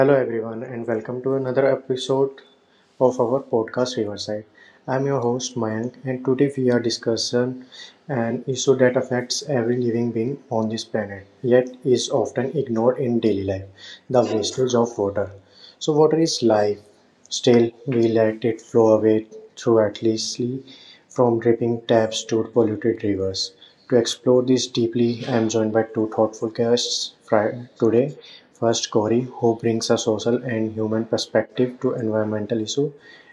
Hello, everyone, and welcome to another episode of our podcast Riverside. I'm your host Mayank, and today we are discussing an issue that affects every living being on this planet, yet is often ignored in daily life: the wastage of water. Water is life, still, we let it flow away through thoughtlessly, from dripping taps to polluted rivers. To explore this deeply, I am joined by two thoughtful guests today. First, Gauri, who brings a social and human perspective to environmental issues,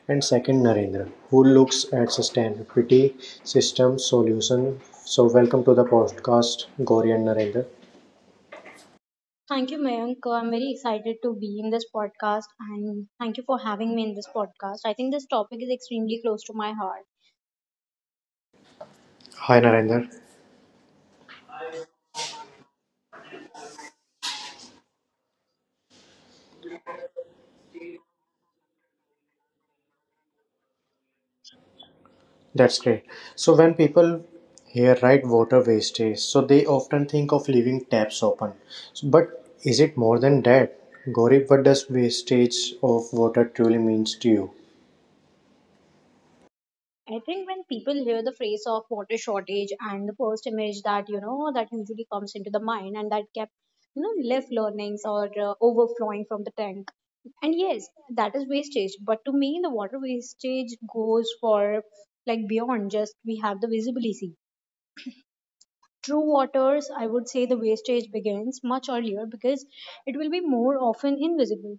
and second, Narendra, who looks at sustainability system solution. So, welcome to the podcast, Gauri and Narendra. Thank you, Mayank. I'm very excited to be in this podcast and thank you for having me in this podcast. I think this topic is extremely close to my heart. Hi, Narendra. That's great. When people hear right water wastage, they often think of leaving taps open. But is it more than that? Gauri, what does wastage of water truly means to you? I think when people hear the phrase of water shortage and the first image that usually comes into the mind and that kept, you know, left learnings or overflowing from the tank. And yes, that is wastage. But to me, the water wastage goes for like beyond just we have the visibility. True waters, I would say the wastage begins much earlier because it will be more often invisible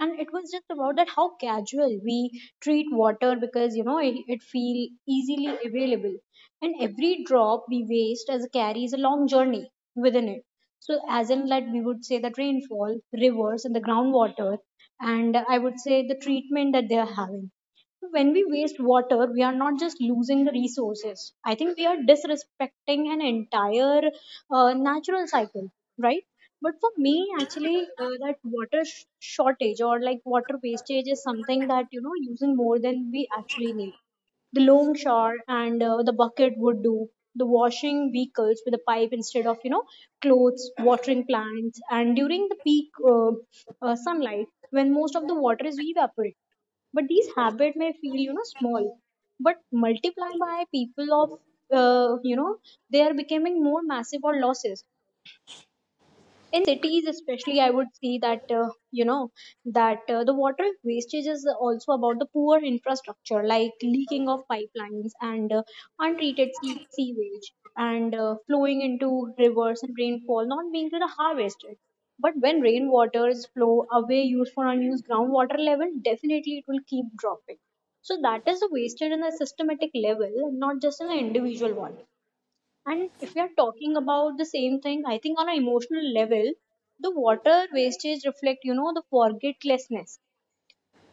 and it was just about that how casual we treat water, because you know it feel easily available and every drop we waste as carries a long journey within it. So as in that, we would say that rainfall, rivers and the groundwater, and I would say the treatment that they are having, when we waste water we are not just losing the resources. I think we are disrespecting an entire natural cycle, right. But for me, actually, that water shortage or like water wastage is something that, you know, using more than we actually need, the long shower and the bucket would do. The washing vehicles with a pipe instead of, you know, clothes, watering plants, and during the peak sunlight when most of the water is evaporated. But these habits may feel, you know, small, but multiply by people of, you know, they are becoming more massive or losses in cities. Especially, I would see that you know, that the water wastage is also about the poor infrastructure, like leaking of pipelines and untreated sewage and flowing into rivers, and rainfall not being really harvested. But when rainwaters flow away, used for unused groundwater level, definitely it will keep dropping. So that is the wastage in a systematic level, not just in an individual one. And if we are talking about the same thing, I think on an emotional level, the water wastage reflect, you know, the forgetlessness.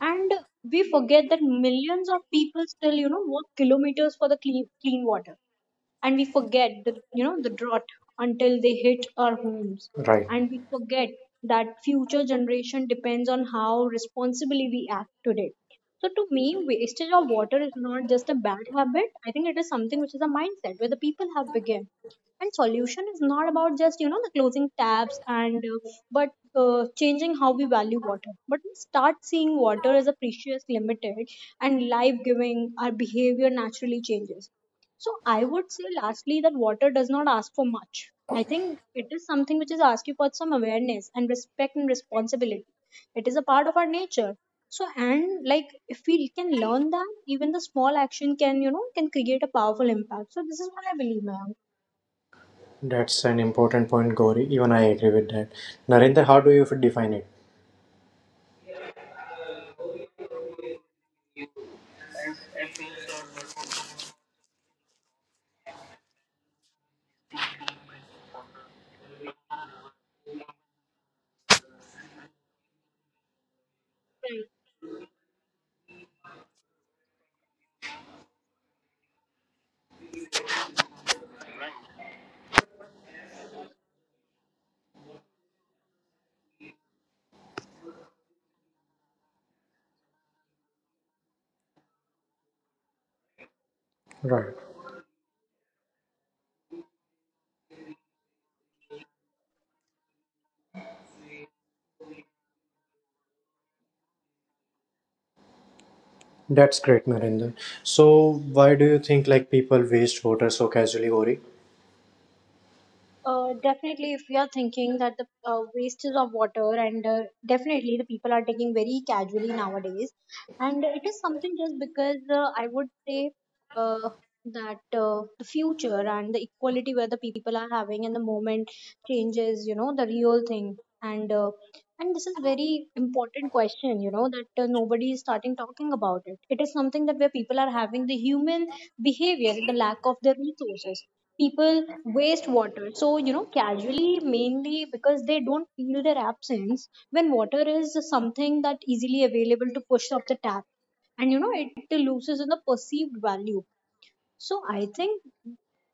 And we forget that millions of people still, you know, walk kilometers for the clean water, and we forget the, you know, the drought until they hit our homes, Right. and we forget that future generation depends on how responsibly we act today. So to me, wastage of water is not just a bad habit. I think it is something which is a mindset where the people have begun, and solution is not about just, you know, the closing taps and but changing how we value water. But we start seeing water as a precious, limited and life giving, our behavior naturally changes. So I would say lastly that water does not ask for much. I think it is something which is asking for some awareness and respect and responsibility. It is a part of our nature. So, and like, if we can learn that, even the small action can create a powerful impact. So this is what I believe, ma'am. That's an important point, Gauri. Even I agree with that. Narendra, how do you define it? Right. Right. That's great, Narendra. Why do you think people waste water so casually, Gauri? Definitely, if we are thinking that the wastage of water, and definitely the people are taking very casually nowadays, and it is something just because, I would say, uh, that the future and the equality where the people are having in the moment changes, you know, the real thing. And and this is very important question, you know, that nobody is starting talking about it. It is something that where people are having the human behavior, the lack of their resources, people waste water so, you know, casually, mainly because they don't feel their absence. When water is something that easily available to push up the tap and, you know, it loses in the perceived value. So I think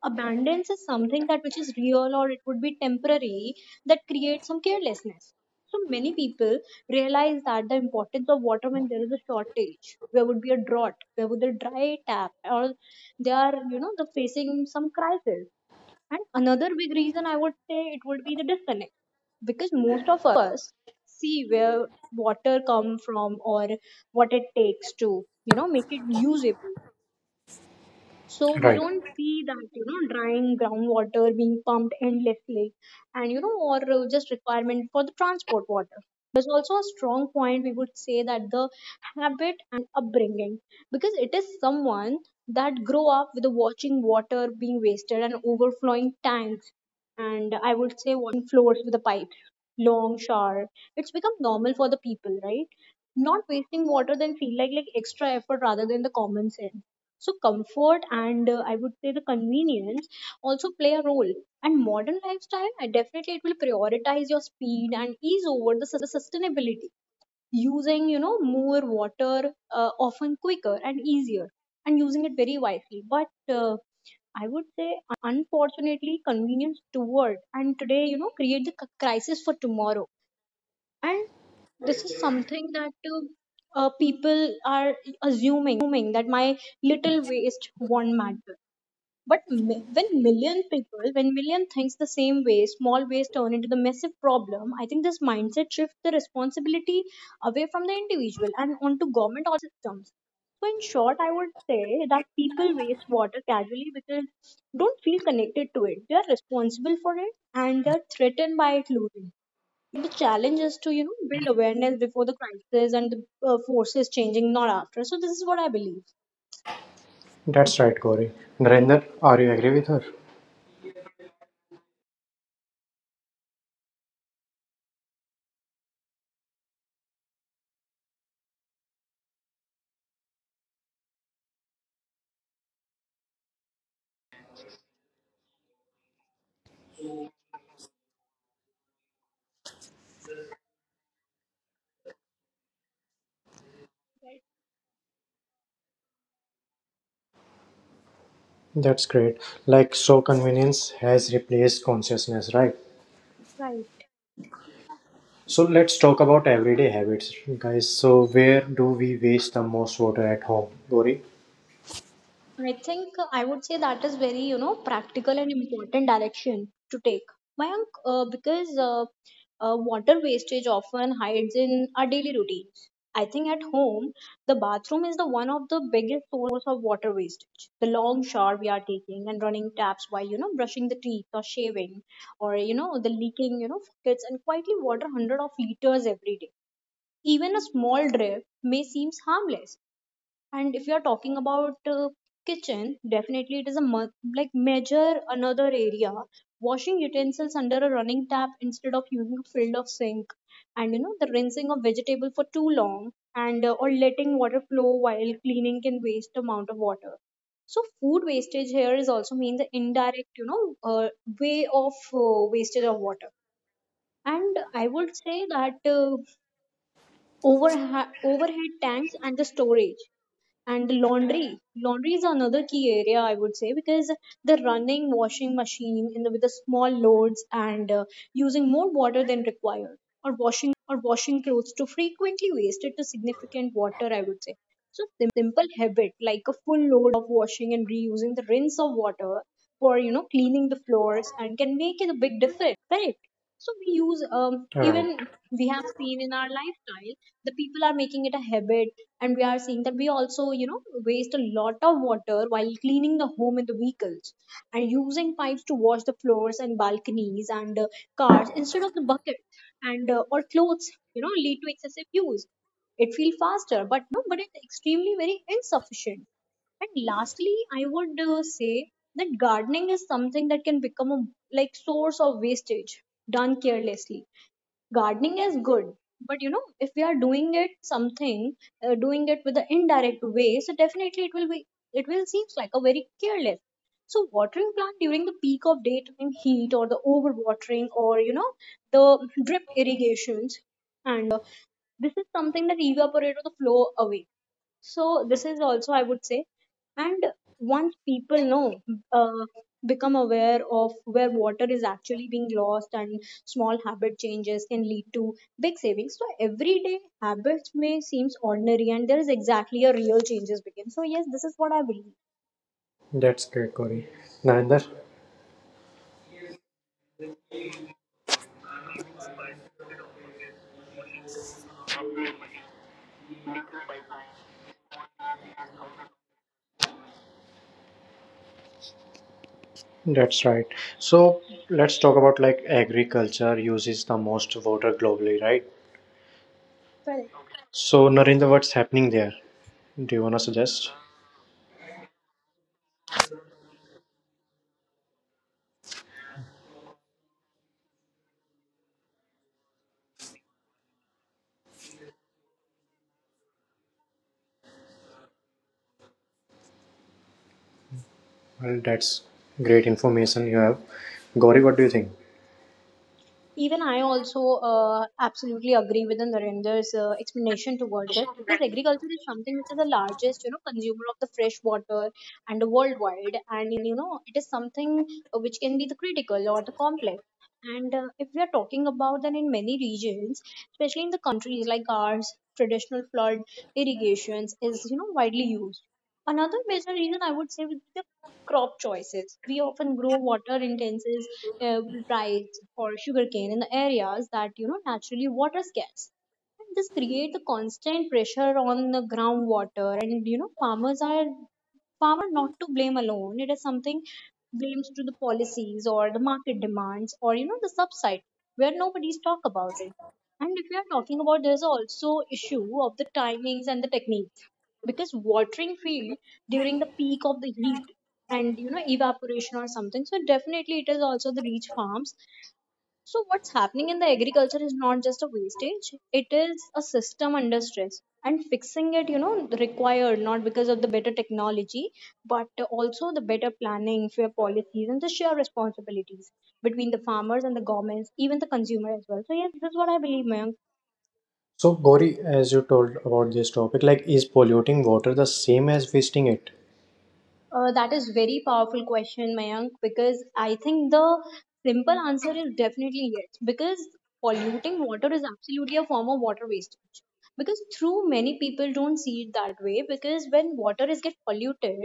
abundance is something that which is real, or it would be temporary, that creates some carelessness. So many people realize that the importance of water when there is a shortage, there would be a drought, there would be a dry tap, or they are, you know, they're facing some crisis. And another big reason, I would say it would be the disconnect, because most of us see where water come from or what it takes to, you know, make it usable. So we Right. don't see that, you know, drying groundwater being pumped endlessly and, you know, or just requirement for the transport water. There's also a strong point we would say, that the habit and upbringing, because it is someone that grow up with the watching water being wasted and overflowing tanks and, I would say, washing floors with the pipe, long shower. It's become normal for the people, right. Not wasting water then feel like extra effort rather than the common sense. So comfort and, I would say, the convenience also play a role. And modern lifestyle, I definitely, it will prioritize your speed and ease over the sustainability, using, you know, more water often quicker and easier, and using it very wisely. But I would say, unfortunately, convenience toward and today, you know, create the crisis for tomorrow. And this is something that people are assuming that my little waste won't matter. But when million people, when million thinks the same way, small ways turn into the massive problem. I think this mindset shifts the responsibility away from the individual and onto government or the systems. So in short, I would say that people waste water casually because don't feel connected to it. They are responsible for it and they are threatened by it losing. Yet the challenge is to, you know, build awareness before the crisis and the forces changing, not after. So this is what I believe. That's right, Gauri. Narendra, are you agree with her? That's great. So convenience has replaced consciousness, right? Right. So let's talk about everyday habits, guys. Where do we waste the most water at home? Gori? I think I would say that is very, you know, practical and important direction to take, Mayank, because water wastage often hides in our daily routines. I think at home, the bathroom is the one of the biggest source of water wastage. The long shower we are taking and running taps while, you know, brushing the teeth or shaving, or, you know, the leaking, you know, buckets and quietly water hundred of liters every day. Even a small drip may seem harmless. And if you are talking about, kitchen, definitely it is a like major another area, washing utensils under a running tap instead of using a filled of sink, and, you know, the rinsing of vegetable for too long, and or letting water flow while cleaning can waste amount of water. So food wastage here is also mean the indirect, you know, way of wastage of water. And I would say that overhead tanks and the storage, and the laundry, is another key area, I would say, because the running washing machine in the, with the small loads, and using more water than required, or washing clothes too frequently, wasted to significant water, I would say. So simple habit like a full load of washing and reusing the rinse of water for, you know, cleaning the floors and can make a big difference. Correct. So we use even Alright. we have seen in our lifestyle, the people are making it a habit, and we are seeing that we also, you know, waste a lot of water while cleaning the home and the vehicles, and using pipes to wash the floors and balconies and cars instead of the bucket, and or clothes, you know, lead to excessive use. It feels faster, but, you know, but it's extremely very insufficient. And lastly, I would say that gardening is something that can become a like source of wastage done carelessly. Gardening is good, but, you know, if we are doing it something, doing it with the indirect way, so definitely it will be, it will seems like a very careless. So watering plant during the peak of daytime heat, or the overwatering, or, you know, the drip irrigations, and this is something that evaporate or the flow away. So this is also, I would say, and once people know uh, become aware of where water is actually being lost and small habit changes can lead to big savings. So everyday habits may seems ordinary, and there is exactly a real changes begin. So yes, this is what I believe. That's great, Gori. Narinder? That's right. So let's talk about agriculture uses the most water globally, right? Correct. So Narinder, what's happening there? Do you wanna suggest? Well, that's great information you have. Gauri, what do you think? Even I also absolutely agree with Narendra's explanation towards it, because agriculture is something which is the largest, you know, consumer of the fresh water and the worldwide, and, you know, it is something which can be the critical or the complex. And if we are talking about, then in many regions, especially in the countries like ours, traditional flood irrigations is, you know, widely used. Another major reason I would say would be the crop choices. We often grow water intensive uh, rice or sugarcane in the areas that you know naturally water scarce. And this creates a constant pressure on the groundwater, and you know farmers are not to blame alone. It is something blames to the policies or the market demands or you know the subside where nobody's talk about it. And if we are talking about, there's also issue of the timings and the techniques because watering field during the peak of the heat and you know evaporation or something so definitely it is also the reach farms so what's happening in the agriculture is not just a wastage, it is a system under stress and fixing it you know required not because of the better technology but also the better planning fair policies and the shared responsibilities between the farmers and the governments even the consumer as well. So yes, this is what I believe, Mayank. So, Gauri, as you told about this topic, is polluting water the same as wasting it? That is very powerful question, Mayank, because I think the simple answer is definitely yes. Because polluting water is absolutely a form of water wastage. Because through many people don't see it that way. Because when water is get polluted,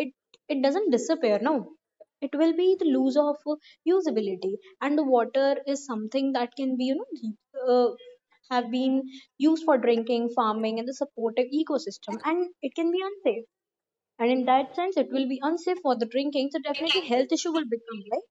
it it doesn't disappear. No, it will be the lose of usability, and the water is something that can be you know have been used for drinking, farming, and the supportive ecosystem, and it can be unsafe and in that sense it will be unsafe for the drinking so definitely health issue will become like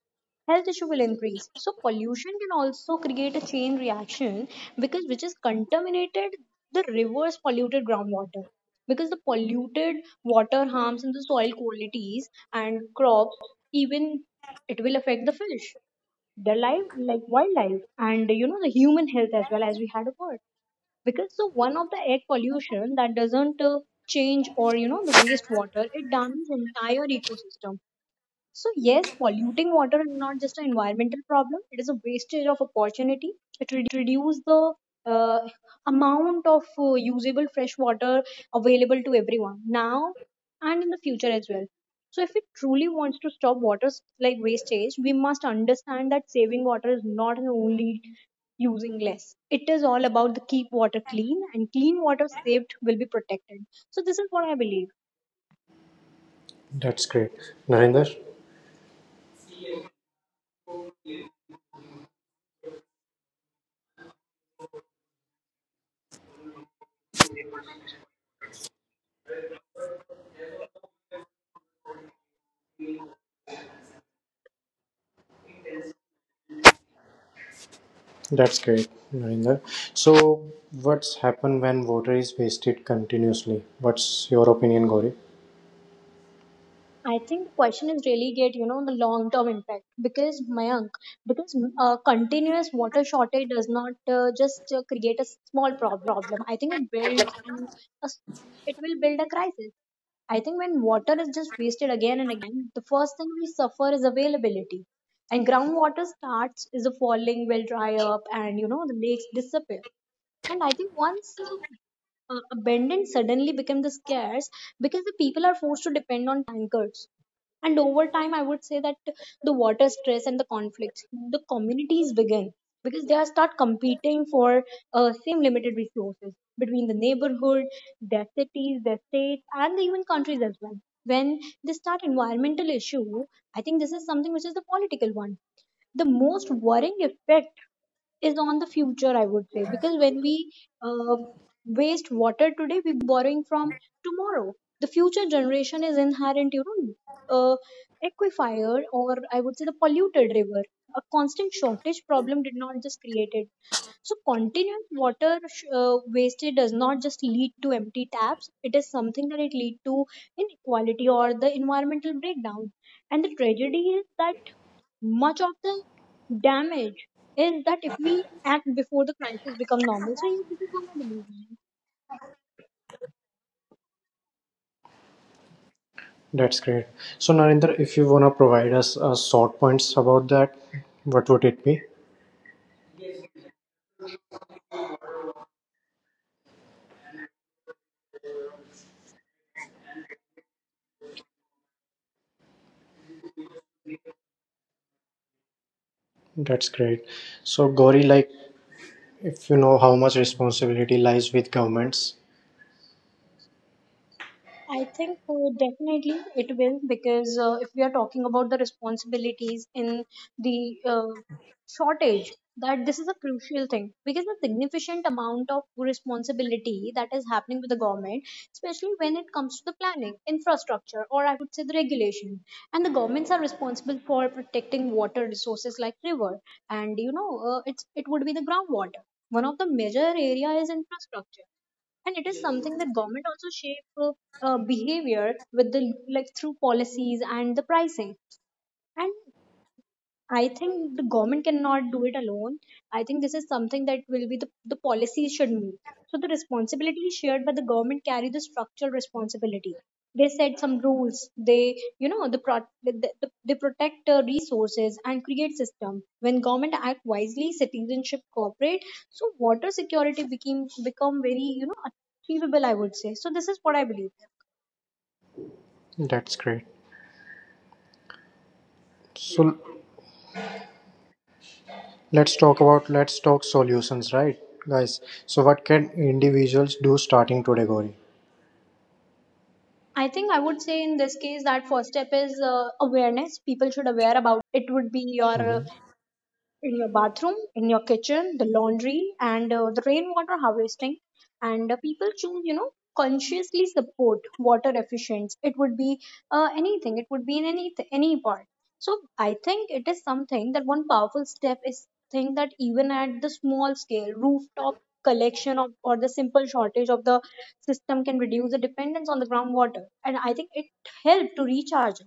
health issue will increase so pollution can also create a chain reaction because which is contaminated the rivers polluted groundwater because the polluted water harms in the soil qualities and crops even it will affect the fish their life like wildlife and you know the human health as well as we had a word because so one of the air pollution that doesn't change or you know the wastewater it damages entire ecosystem. So yes, polluting water is not just an environmental problem, it is a wastage of opportunity, it reduces the uh, amount of usable fresh water available to everyone now and in the future as well. So if it truly wants to stop water like wastage, we must understand that saving water is not the only using less. It is all about the keep water clean and clean water saved will be protected. So this is what I believe. That's great, Narinder. That's great, Narinder. So, what's happened when water is wasted continuously? What's your opinion, Gauri? I think the question is really get you know the long term impact because Mayank because continuous water shortage does not just create a small problem. I think it builds and a s it will build a crisis. I think when water is just wasted again and again, the first thing we suffer is availability. And groundwater starts is a falling will dry up and you know the lakes disappear. And I think once abandoned suddenly became the scarce because the people are forced to depend on tankers. And over time, I would say that the water stress and the conflicts, the communities begin because they are start competing for same limited resources between the neighborhood, their cities, their states, and the even countries as well. When they start environmental issue, I think this is something which is the political one the most worrying effect is on the future I would say because when we uh, waste water today we're borrowing from tomorrow the future generation is inherent you know uh, aquifer or I would say the polluted river a constant shortage problem did not just create it so continuous water wastage does not just lead to empty taps, it is something that it lead to inequality or the environmental breakdown and the tragedy is that much of the damage is that if we act before the crisis become normal. So yes, this is what I believe. That's great. So, Narinder, if you wanna provide us short points about that, what would it be? That's great. So, Gauri, if you know how much responsibility lies with governments, I think definitely it will because if we are talking about the responsibilities in the shortage, that this is a crucial thing because the significant amount of responsibility that is happening with the government, especially when it comes to the planning, infrastructure, or I would say the regulation, and the governments are responsible for protecting water resources like river and you know it would be the groundwater. One of the major area is infrastructure and it is something that government also shape behavior with the like through policies and the pricing and I think the government cannot do it alone. I think this is something that will be the policy should meet. So the responsibility is shared but the government carry the structural responsibility. They set some rules. They, you know, they protect resources and create system. When government act wisely, citizenship cooperate. So water security became become very, you know, achievable. I would say. So this is what I believe. that's great. So, let's talk solutions, right, guys? So what can individuals do starting today, Gauri? I think I would say in this case that first step is awareness. People should aware about it. It would be your Mhm. in your bathroom, in your kitchen, the laundry, and the rainwater harvesting. And people choose, you know, consciously support water efficiency. It would be anything. It would be in any part. So I think it is something that one powerful step is think that even at the small scale, rooftop collection of, or the simple shortage of the system can reduce the dependence on the groundwater. And I think it helped to recharge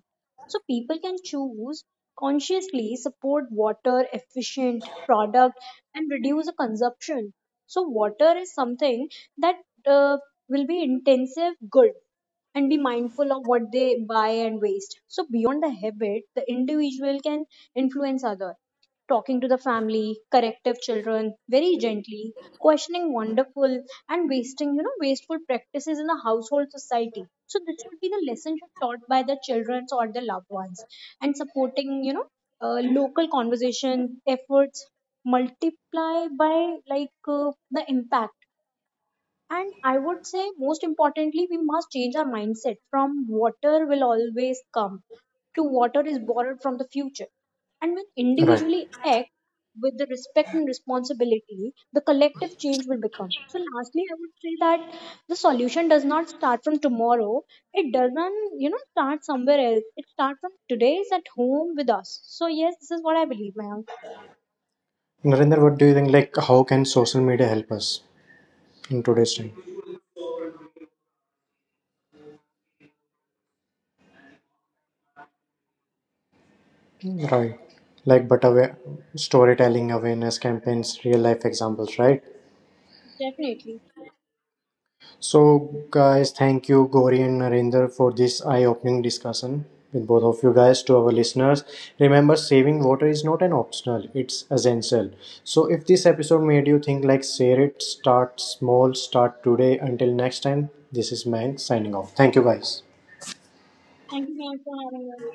so people can choose consciously support water efficient product and reduce the consumption so water is something that uh, will be intensive good and be mindful of what they buy and waste so beyond the habit the individual can influence other talking to the family, corrective children very gently, questioning wonderful and wasting, you know, wasteful practices in the household society. So this should be the lesson taught by the children or the loved ones, and supporting, you know, local conversation efforts multiply by like the impact and I would say, most importantly, we must change our mindset from water will always come to water is borrowed from the future. And when Right. individually act with the respect and responsibility, the collective change will become. So, lastly, I would say that the solution does not start from tomorrow. It doesn't, you know, start somewhere else. It starts from today's at home with us. So, yes, this is what I believe, ma'am. Narendra, what do you think, how can social media help us in today's time? Right. But aware, storytelling, awareness campaigns, real life examples, right? Definitely. So, guys, thank you, Gauri and Narendra, for this eye opening discussion with both of you guys. To our listeners, remember saving water is not an optional, it's essential. So, if this episode made you think, share it, start small, start today. Until next time, this is Mank signing off. Thank you, guys. Thank you, ma'am, for having us.